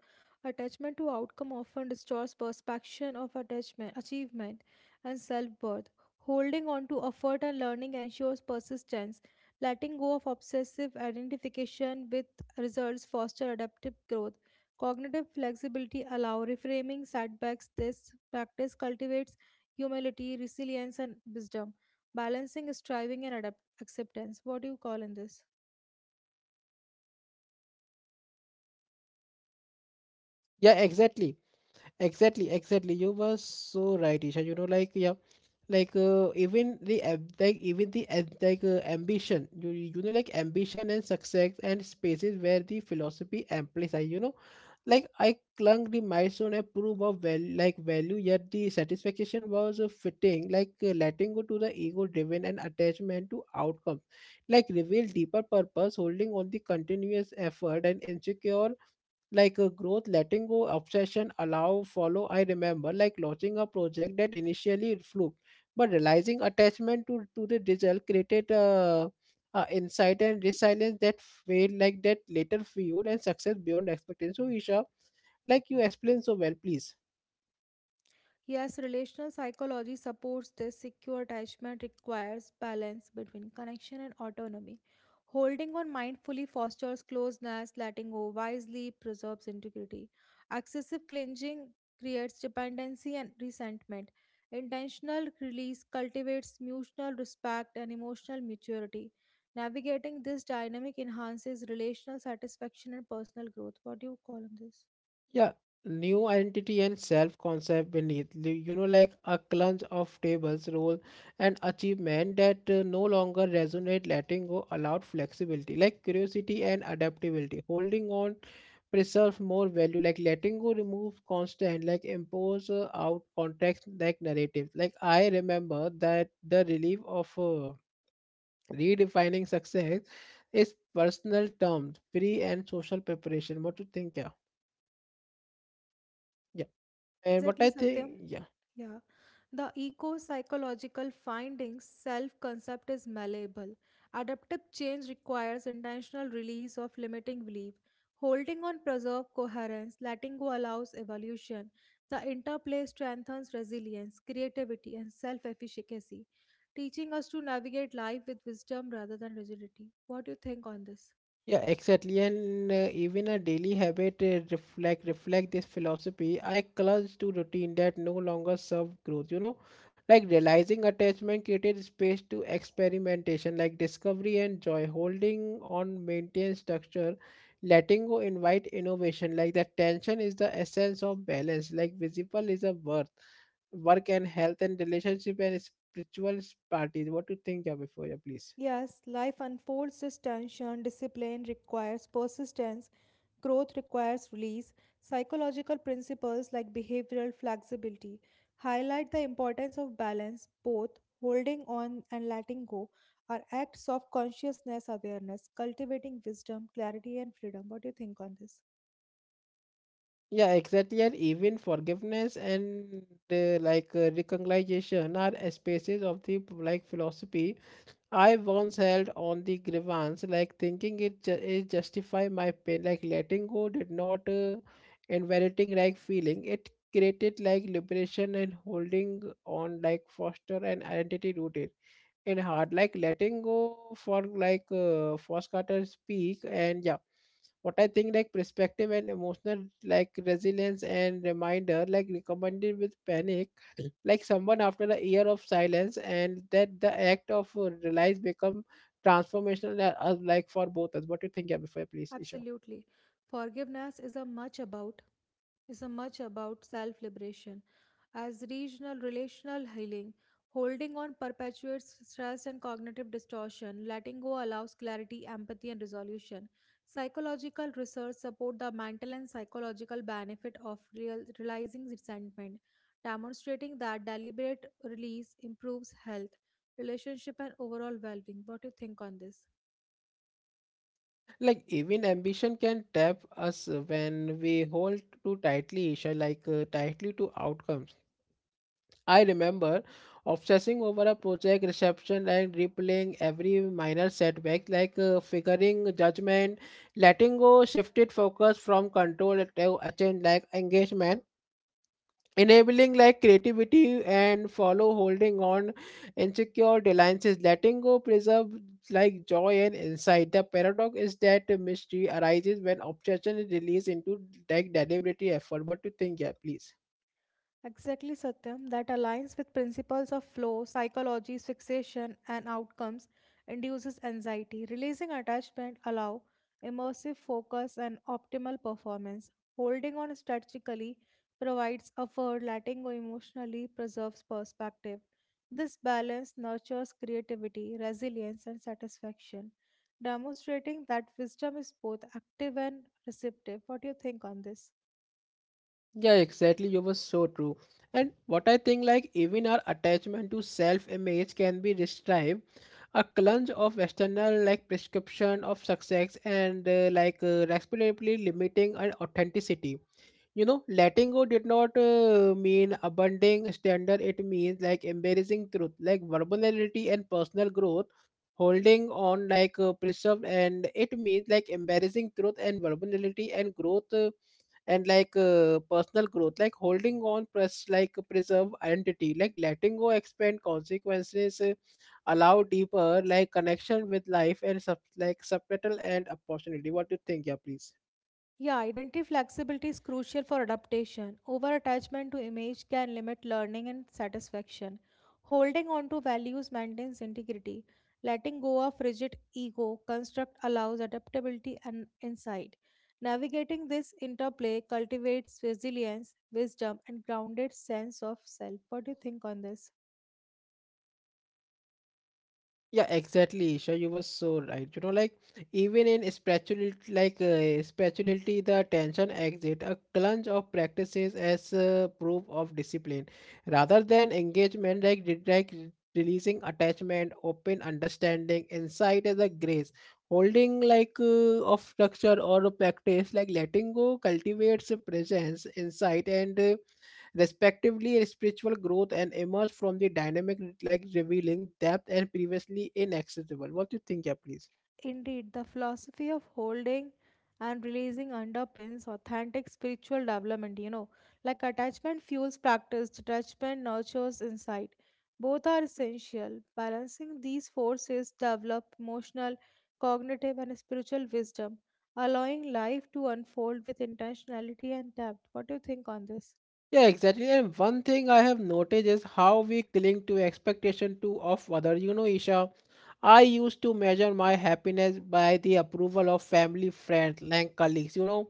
Attachment to outcome often distorts perception of attachment, achievement, and self-worth. Holding on to effort and learning ensures persistence. Letting go of obsessive identification with results foster adaptive growth. Cognitive flexibility allow reframing setbacks. This practice cultivates humility, resilience, and wisdom, balancing striving and acceptance. What do you call in this? Yeah, exactly. Exactly, exactly. You were so right, Isha. You know, like yeah, even the ambition. You know, like ambition and success and spaces where the philosophy amplifies. You know, like I clung the milestone and proof of value, like value. Yet the satisfaction was fitting, letting go to the ego-driven and attachment to outcomes, like reveal deeper purpose, holding on the continuous effort and insecure like a growth, letting go obsession allow follow. I remember like launching a project that initially it flew, but realizing attachment to the result created a insight and resilience that failed, like that later fueled and success beyond expectation. So Isha, like you explain so well, please. Yes, relational psychology supports this. Secure attachment requires balance between connection and autonomy. Holding on mindfully fosters closeness, letting go wisely preserves integrity. Excessive clinging creates dependency and resentment. Intentional release cultivates mutual respect and emotional maturity. Navigating this dynamic enhances relational satisfaction and personal growth. What do you call on this? Yeah, new identity and self concept beneath, you know, like a clunge of tables, role, and achievement that no longer resonate, letting go allowed flexibility, like curiosity and adaptability. Holding on preserve more value, like letting go remove constant, like impose out context, like narrative. Like I remember that the relief of redefining success is personal terms, free and social preparation. What do you think? Yeah. Yeah. And what Exactly, I Satyam. think, yeah, Yeah. The eco psychological findings self concept is malleable. Adaptive change requires intentional release of limiting belief. Holding on preserve coherence, letting go allows evolution. The interplay strengthens resilience, creativity, and self efficacy, teaching us to navigate life with wisdom rather than rigidity. What do you think on this? yeah, exactly. And even a daily habit reflect this philosophy. I clung to routine that no longer serve growth. You know, like realizing attachment created space to experimentation, like discovery and joy. Holding on, maintain structure, letting go, invite innovation. Like that tension is the essence of balance. Like visible is a worth, work and health and relationship and spiritual parties. What do you think, yeah, before, yeah, please? Yes, life unfolds this tension. Discipline requires persistence. Growth requires release. Psychological principles like behavioral flexibility highlight the importance of balance, both holding on and letting go are acts of consciousness awareness, cultivating wisdom, clarity, and freedom. What do you think on this? Yeah, exactly. And even forgiveness and reconciliation are spaces of the like philosophy. I once held on the grievance, like thinking it, it justify my pain, like letting go did not invalidating like feeling. It created like liberation and holding on like foster an identity rooted in hard, like letting go for force cutter speak. And yeah, what I think, like perspective and emotional like resilience and reminder, like recommended with panic <coughs> <clears throat> like someone after a year of silence, and that the act of realize become transformational, like for both us. What do you think, yeah, before I please, Isha? Absolutely. Forgiveness is a much about is a much about self-liberation. As regional relational healing, holding on perpetuates stress and cognitive distortion. Letting go allows clarity, empathy, and resolution. Psychological research support the mental and psychological benefit of realizing resentment, demonstrating that deliberate release improves health, relationship, and overall well-being. What do you think on this? Like even ambition can trap us when we hold too tightly, Isha, tightly to outcomes. I remember obsessing over a project reception and replaying every minor setback, figuring judgment, letting go, shifted focus from control to attain like engagement, enabling like creativity and follow, holding on insecure deadlines, letting go preserve like joy and insight. The paradox is that mystery arises when obsession is released into like deliberate effort. What do you think, yeah, please? Exactly, Satyam. That aligns with principles of flow, psychology, fixation, and outcomes, induces anxiety. Releasing attachment allow immersive focus and optimal performance. Holding on strategically provides effort, letting go emotionally preserves perspective. This balance nurtures creativity, resilience, and satisfaction, demonstrating that wisdom is both active and receptive. What do you think on this? Yeah, exactly. You were so true. And what I think, like, even our attachment to self image can be described a clunge of external, like, prescription of success and, respectively limiting our authenticity. You know, letting go did not mean abandoning standard, it means like embracing truth, like vulnerability and personal growth, holding on preserved, and it means like embarrassing truth and vulnerability and growth, and like personal growth, like holding on press like preserve identity, like letting go expand consequences, allow deeper like connection with life and like subtitle and opportunity. What do you think, yeah, please? Yeah, identity flexibility is crucial for adaptation. Over attachment to image can limit learning and satisfaction. Holding on to values maintains integrity. Letting go of rigid ego construct allows adaptability and insight. Navigating this interplay cultivates resilience, wisdom, and grounded sense of self. What do you think on this? Yeah, exactly, Isha. You were so right. You know, like even in spirituality, spirituality, the tension exit a clunge of practices as proof of discipline, rather than engagement. Like releasing attachment, open understanding, insight as a grace, holding of structure or a practice, like letting go cultivates a presence, insight, and, respectively spiritual growth and emerge from the dynamic, like revealing depth and previously inaccessible. What do you think, yeah, please? Indeed, the philosophy of holding and releasing underpins authentic spiritual development, you know, like attachment fuels practice, detachment nurtures insight. Both are essential. Balancing these forces develop emotional, cognitive, and spiritual wisdom, allowing life to unfold with intentionality and depth. What do you think on this? Yeah, exactly. And one thing I have noticed is how we cling to expectation to of other. You know, Isha, I used to measure my happiness by the approval of family, friends, and colleagues. You know,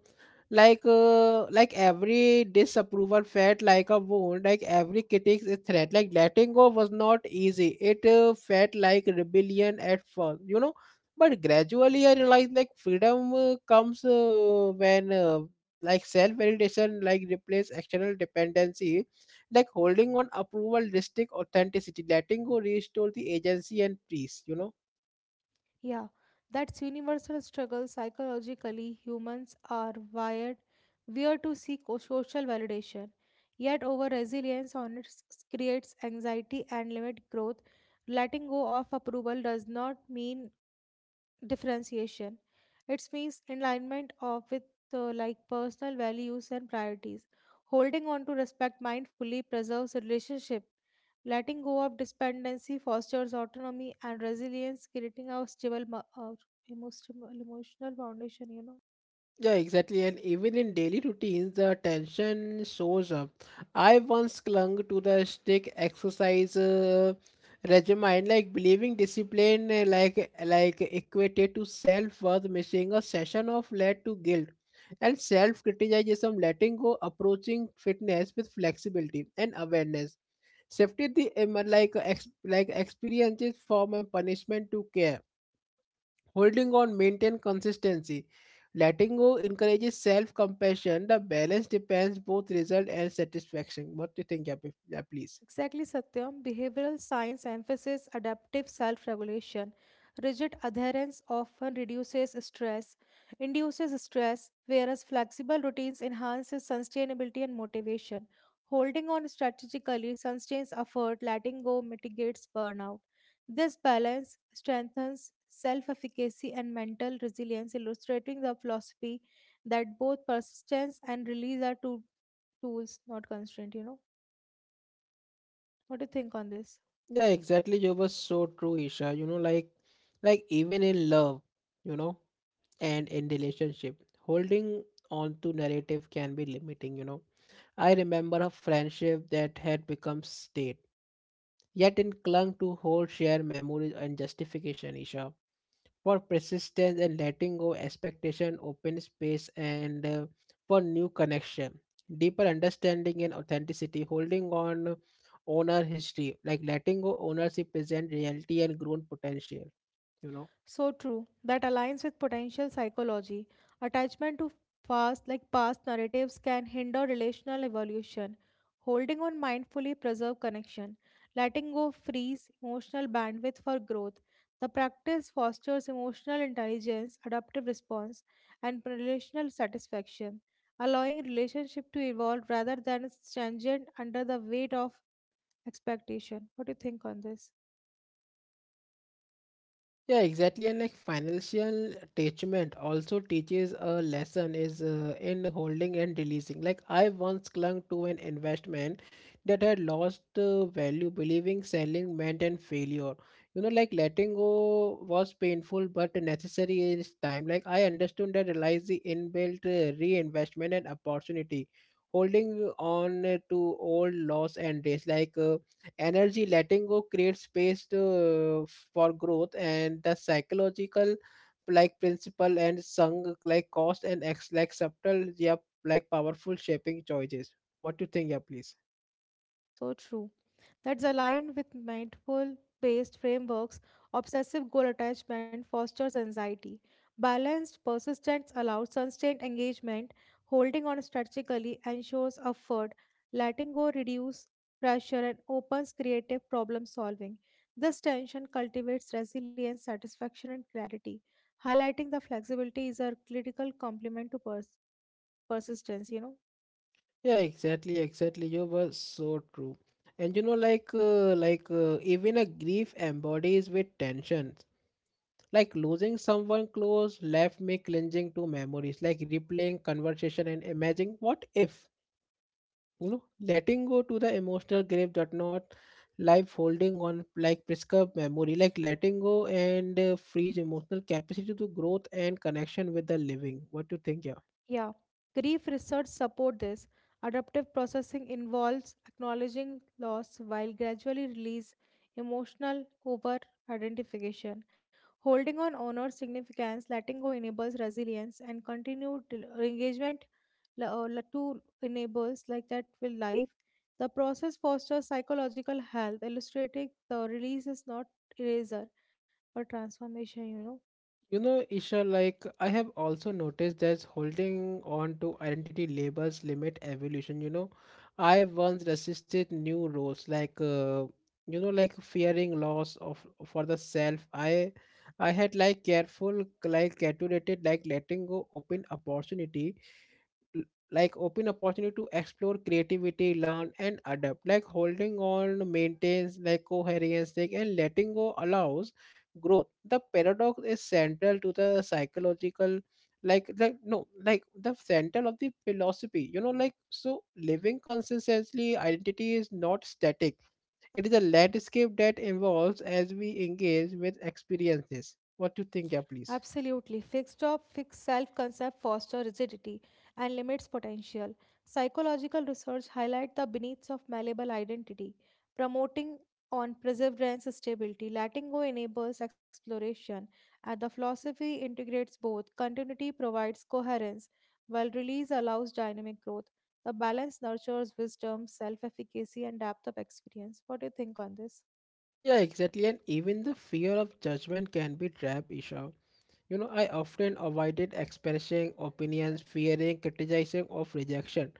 like every disapproval felt like a wound. Like every critic is threat. Like letting go was not easy. It felt like rebellion at first. You know, but gradually I realized like freedom comes when, like self validation, like replace external dependency, like holding on approval restrict authenticity, letting go restore the agency and peace, you know. Yeah, that's universal struggle. Psychologically, humans are wired weird to seek social validation. Yet, over resilience on it creates anxiety and limit growth. Letting go of approval does not mean differentiation. It means alignment of with like personal values and priorities. Holding on to respect mindfully preserves relationship. Letting go of dependency fosters autonomy and resilience, creating a emotional, emotional foundation, you know. Yeah, exactly. And even in daily routines, the tension shows up. I once clung to the strict exercise regimen, like believing discipline, like equated to self worth. Missing a session of led to guilt and self criticism. Letting go, approaching fitness with flexibility and awareness, shifted the experiences from a punishment to care. Holding on maintain consistency. Letting go encourages self-compassion. The balance depends both result and satisfaction. What do you think, yeah, yeah, please? Exactly, Satyam. Behavioral science emphasizes adaptive self regulation. Rigid adherence often reduces stress, induces stress, whereas flexible routines enhances sustainability and motivation. Holding on strategically sustains effort, letting go mitigates burnout. This balance strengthens self efficacy and mental resilience, illustrating the philosophy that both persistence and release are two tools, not constraint. You know, what do you think on this? Yeah, exactly. You were so true, Isha. You know, like even in love, you know, and in relationship, holding on to narrative can be limiting, you know. I remember a friendship that had become state, yet in clung to whole shared memories and justification, Isha, for persistence, and letting go expectation open space and for new connection, deeper understanding and authenticity, holding on owner history, like letting go ownership present reality and grown potential, you know. So true. That aligns with potential psychology. Attachment to past, like past narratives, can hinder relational evolution. Holding on mindfully preserve connection. Letting go frees emotional bandwidth for growth. The practice fosters emotional intelligence, adaptive response, and relational satisfaction, allowing relationship to evolve rather than its tangent under the weight of expectation. What do you think on this? Yeah, exactly. And like financial attachment also teaches a lesson is in holding and releasing. Like I once clung to an investment that had lost value, believing selling meant an failure. You know, like letting go was painful but necessary in its time. Like I understood that realize the inbuilt reinvestment and opportunity. Holding on to old loss and days energy, letting go creates space for growth, and the psychological like principle and sung like cost and ex, like subtle, yeah, like powerful shaping choices. What do you think, yeah, please? So true. That's aligned with mindful based frameworks. Obsessive goal attachment fosters anxiety. Balanced persistence allows sustained engagement. Holding on strategically ensures effort. Letting go reduces pressure and opens creative problem solving. This tension cultivates resilience, satisfaction, and clarity. Highlighting the flexibility is a critical complement to persistence, you know. Yeah, exactly, exactly. You were so true. And you know, even a grief embodies with tensions, like losing someone close left me clinging to memories, like replaying conversation and imagining what if, you know. Letting go to the emotional grave does not life, holding on like prescribed memory, like letting go and frees emotional capacity to growth and connection with the living. What do you think, yeah? Yeah, grief research support this. Adaptive processing involves acknowledging loss while gradually release emotional over identification. Holding on honor significance, letting go enables resilience and continued engagement to enables like that with life. The process fosters psychological health, illustrating the release is not eraser, but transformation, you know. You know, Isha, like I have also noticed that holding on to identity labels limit evolution. You know, I once resisted new roles, you know, like fearing loss of for the self. I had like careful, like calculated, like letting go open opportunity, l- open opportunity to explore creativity, learn and adapt, like holding on maintains like coherence, like, and letting go allows growth. The paradox is central to the psychological like no like the central of the philosophy, you know, like so living consistently identity is not static, it is a landscape that evolves as we engage with experiences. What do you think, yeah, please? Absolutely. Fixed job, fixed self concept foster rigidity and limits potential. Psychological research highlight the beneath of malleable identity, promoting on perseverance stability. Letting go enables exploration, and the philosophy integrates both. Continuity provides coherence, while release allows dynamic growth. The balance nurtures wisdom, self efficacy, and depth of experience. What do you think on this? Yeah, exactly. And even the fear of judgment can be trap, Isha. You know, I often avoided expressing opinions, fearing criticizing of rejection.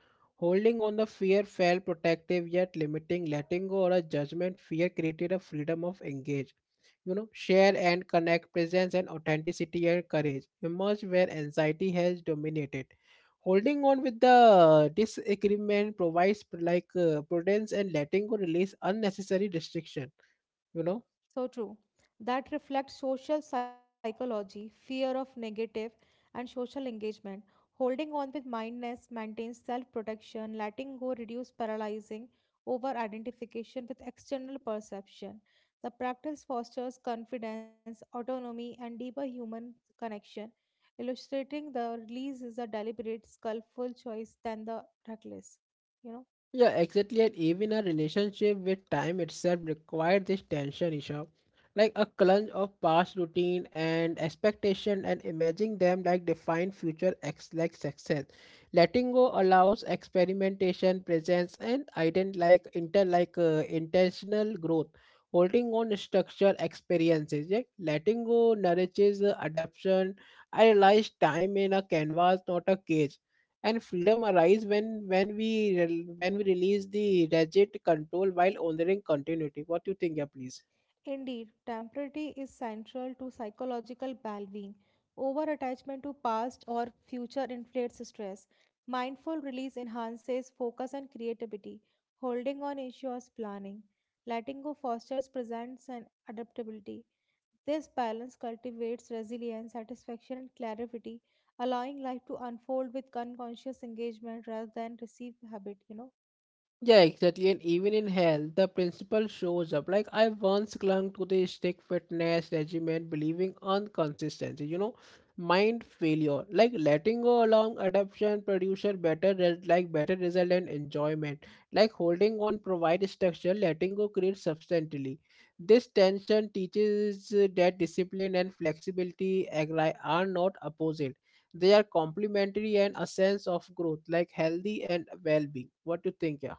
Holding on the fear felt protective yet limiting. Letting go or a judgment fear created a freedom of engage. You know, share and connect presence and authenticity and courage emerge where anxiety has dominated. Holding on with the disagreement provides prudence, and letting go release unnecessary restriction. You know. So true. That reflects social psychology, fear of negative, and social engagement. Holding on with mindness maintains self protection, letting go reduce paralyzing over identification with external perception. The practice fosters confidence, autonomy, and deeper human connection. Illustrating the release is a deliberate, skillful choice than the reckless. You know? Yeah, exactly. And even a relationship with time itself required this tension, Isha. Like a clunge of past routine and expectation and imagining them like define future, ex like success. Letting go allows experimentation, presence, and ident like inter like intentional growth. Holding on structure experiences. Yeah? Letting go nourishes adaptation. I realize time in a canvas, not a cage, and freedom arises when when we when we release the rigid control while honoring continuity. What do you think, yeah, please? Indeed, temporality is central to psychological well being. Over attachment to past or future inflates stress. Mindful release enhances focus and creativity. Holding on ensures planning. Letting go fosters presence and adaptability. This balance cultivates resilience, satisfaction, and clarity, allowing life to unfold with unconscious engagement rather than received habit, you know. Yeah, exactly. And even in health, the principle shows up. Like I once clung to the strict fitness regimen, believing on consistency. You know, mind failure. Like letting go along adoption producer better like better result and enjoyment. Like holding on provide structure, letting go creates substantially. This tension teaches that discipline and flexibility are not opposite. They are complementary and a sense of growth, like healthy and well-being. What do you think, yeah?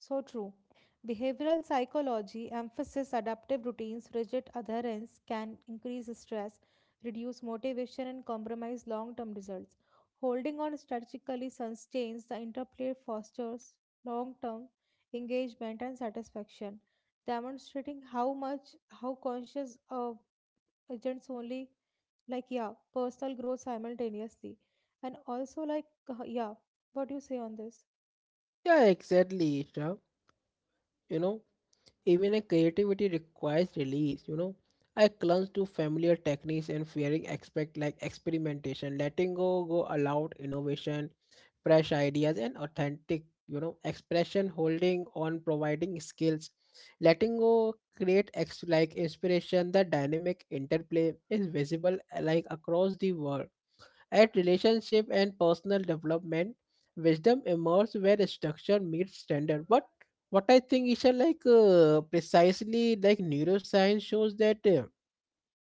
So true. Behavioral psychology emphasizes adaptive routines, rigid adherence can increase stress, reduce motivation, and compromise long term results. Holding on strategically sustains the interplay, fosters long term engagement and satisfaction, demonstrating how much how conscious of agents only, like, yeah, personal growth simultaneously and also like yeah. What do you say on this? Yeah, exactly, Isha. You know, Even a creativity requires release. I clung to familiar techniques and fearing aspect like experimentation, letting go allowed innovation, fresh ideas and authentic, expression holding on providing skills. Letting go create like inspiration. The dynamic interplay is visible like across the world at relationship and personal development, wisdom emerges where structure meets standard. But what I think is like precisely like neuroscience shows that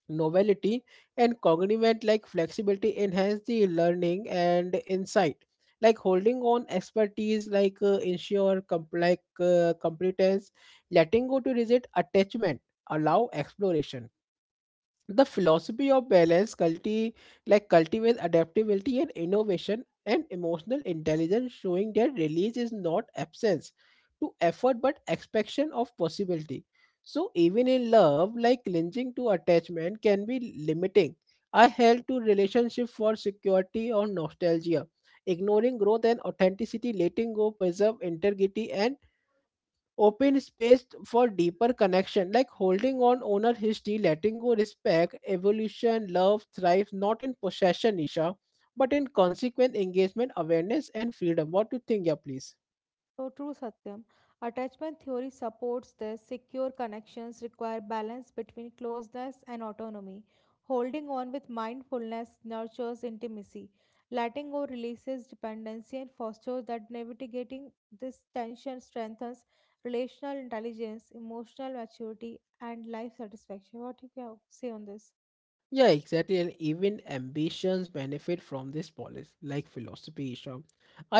novelty and cognitive like flexibility enhance the learning and insight. Like holding on expertise, like ensure like competence, letting go to resist attachment, allow exploration. The philosophy of balance like cultivates adaptability and innovation and emotional intelligence, showing that release is not absence to effort but expansion of possibility. So even in love, like clinging to attachment can be limiting. I held to relationship for security or nostalgia, ignoring growth and authenticity. Letting go preserve integrity and open space for deeper connection. Like holding on owner history, letting go respect evolution. Love thrives not in possession, Isha, but in consequent engagement, awareness and freedom. What do you think, yeah, please? So true, Satyam. Attachment theory supports this. Secure connections require balance between closeness and autonomy. Holding on with mindfulness nurtures intimacy. Letting go releases dependency and fosters that navigating this tension strengthens relational intelligence, emotional maturity, and life satisfaction. What you can say on this? Yeah, exactly. And even ambitions benefit from this policy, like philosophy, Isha.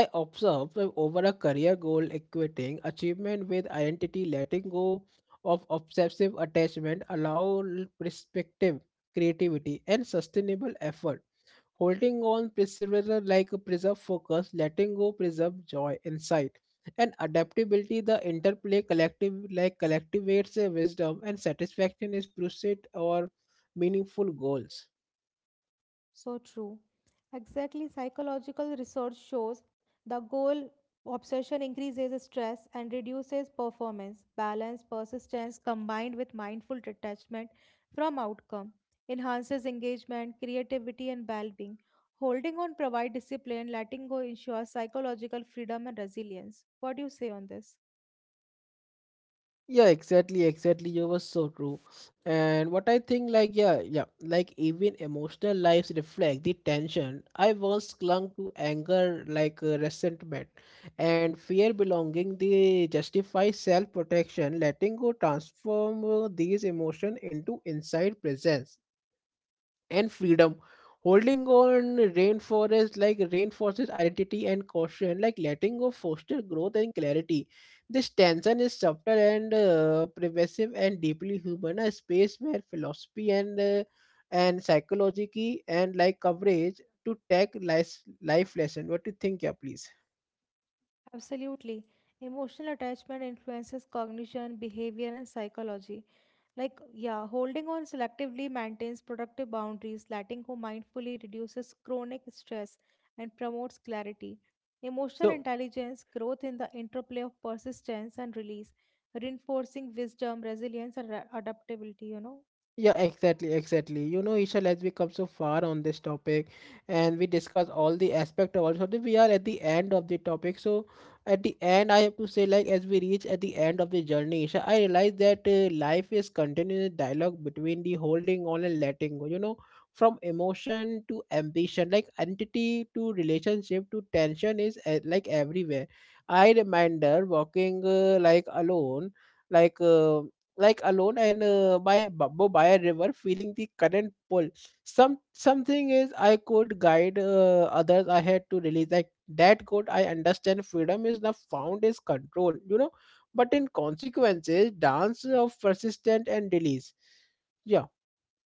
I observe that over a career goal equating achievement with identity, letting go of obsessive attachment allow perspective, creativity and sustainable effort. Holding on perseverance like a preserve focus, letting go preserve joy, insight, and adaptability. The interplay collective like collectivates a wisdom and satisfaction is pursuit or meaningful goals. So true. Exactly, psychological research shows the goal obsession increases stress and reduces performance. Balance, persistence combined with mindful detachment from outcome enhances engagement, creativity, and well being. Holding on provide discipline, letting go ensures psychological freedom and resilience. What do you say on this? Yeah, exactly, exactly. You were so true. And what I think, like, yeah, yeah, like even emotional lives reflect the tension. I once clung to anger, like resentment, and fear belonging. They justify self protection. Letting go transform these emotions into inside presence and freedom. Holding on rainforest like reinforces identity and caution, like letting go foster growth and clarity. This tension is subtle and pervasive and deeply human. A space where philosophy and psychology and like coverage to take life lesson. What do you think, yeah, please? Absolutely. Emotional attachment influences cognition, behavior, and psychology. Like, yeah, holding on selectively maintains productive boundaries, letting go mindfully reduces chronic stress and promotes clarity. Emotional So intelligence, growth in the interplay of persistence and release, reinforcing wisdom, resilience, and adaptability, you know. Yeah, exactly, exactly. You know, Ishal, as we come so far on this topic and we discuss all the aspect of all something, we are at the end of the topic. So at the end, I have to say, like, as we reach at the end of the journey, Isha, I realize that life is continuous dialogue between the holding on and letting go, you know, from emotion to ambition, like entity to relationship to tension is like everywhere. I remember walking like uh, like alone and by bamboo by a river feeling the current pull. Something is I could guide others I had to release. Like that good I understand freedom is not found is control, you know, but in consequences dance of persistent and release. Yeah.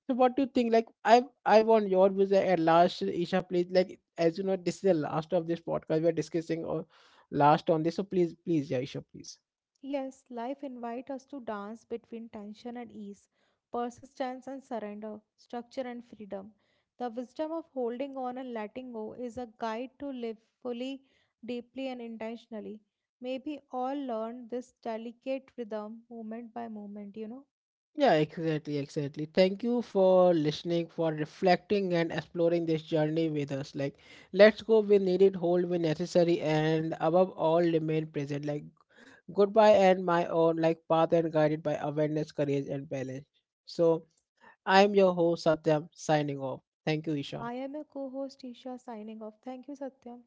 So what do you think, like, I want your views at last, Isha, please. Like, as you know, this is the last of this podcast we are discussing, or last on this, so please, please, yeah, Isha, please. Yes, life invites us to dance between tension and ease, persistence and surrender, structure and freedom. The wisdom of holding on and letting go is a guide to live fully, deeply, and intentionally. May we all learn this delicate rhythm moment by moment, you know. Yeah, exactly, exactly. Thank you for listening, for reflecting and exploring this journey with us. Like, let's go when needed, hold when necessary, and above all, remain present. Like, goodbye and my own, like, path and guided by awareness, courage, and balance. So, I'm your host, Satyam, signing off. Thank you, Isha. I am your co host Isha signing off. Thank you, Satyam.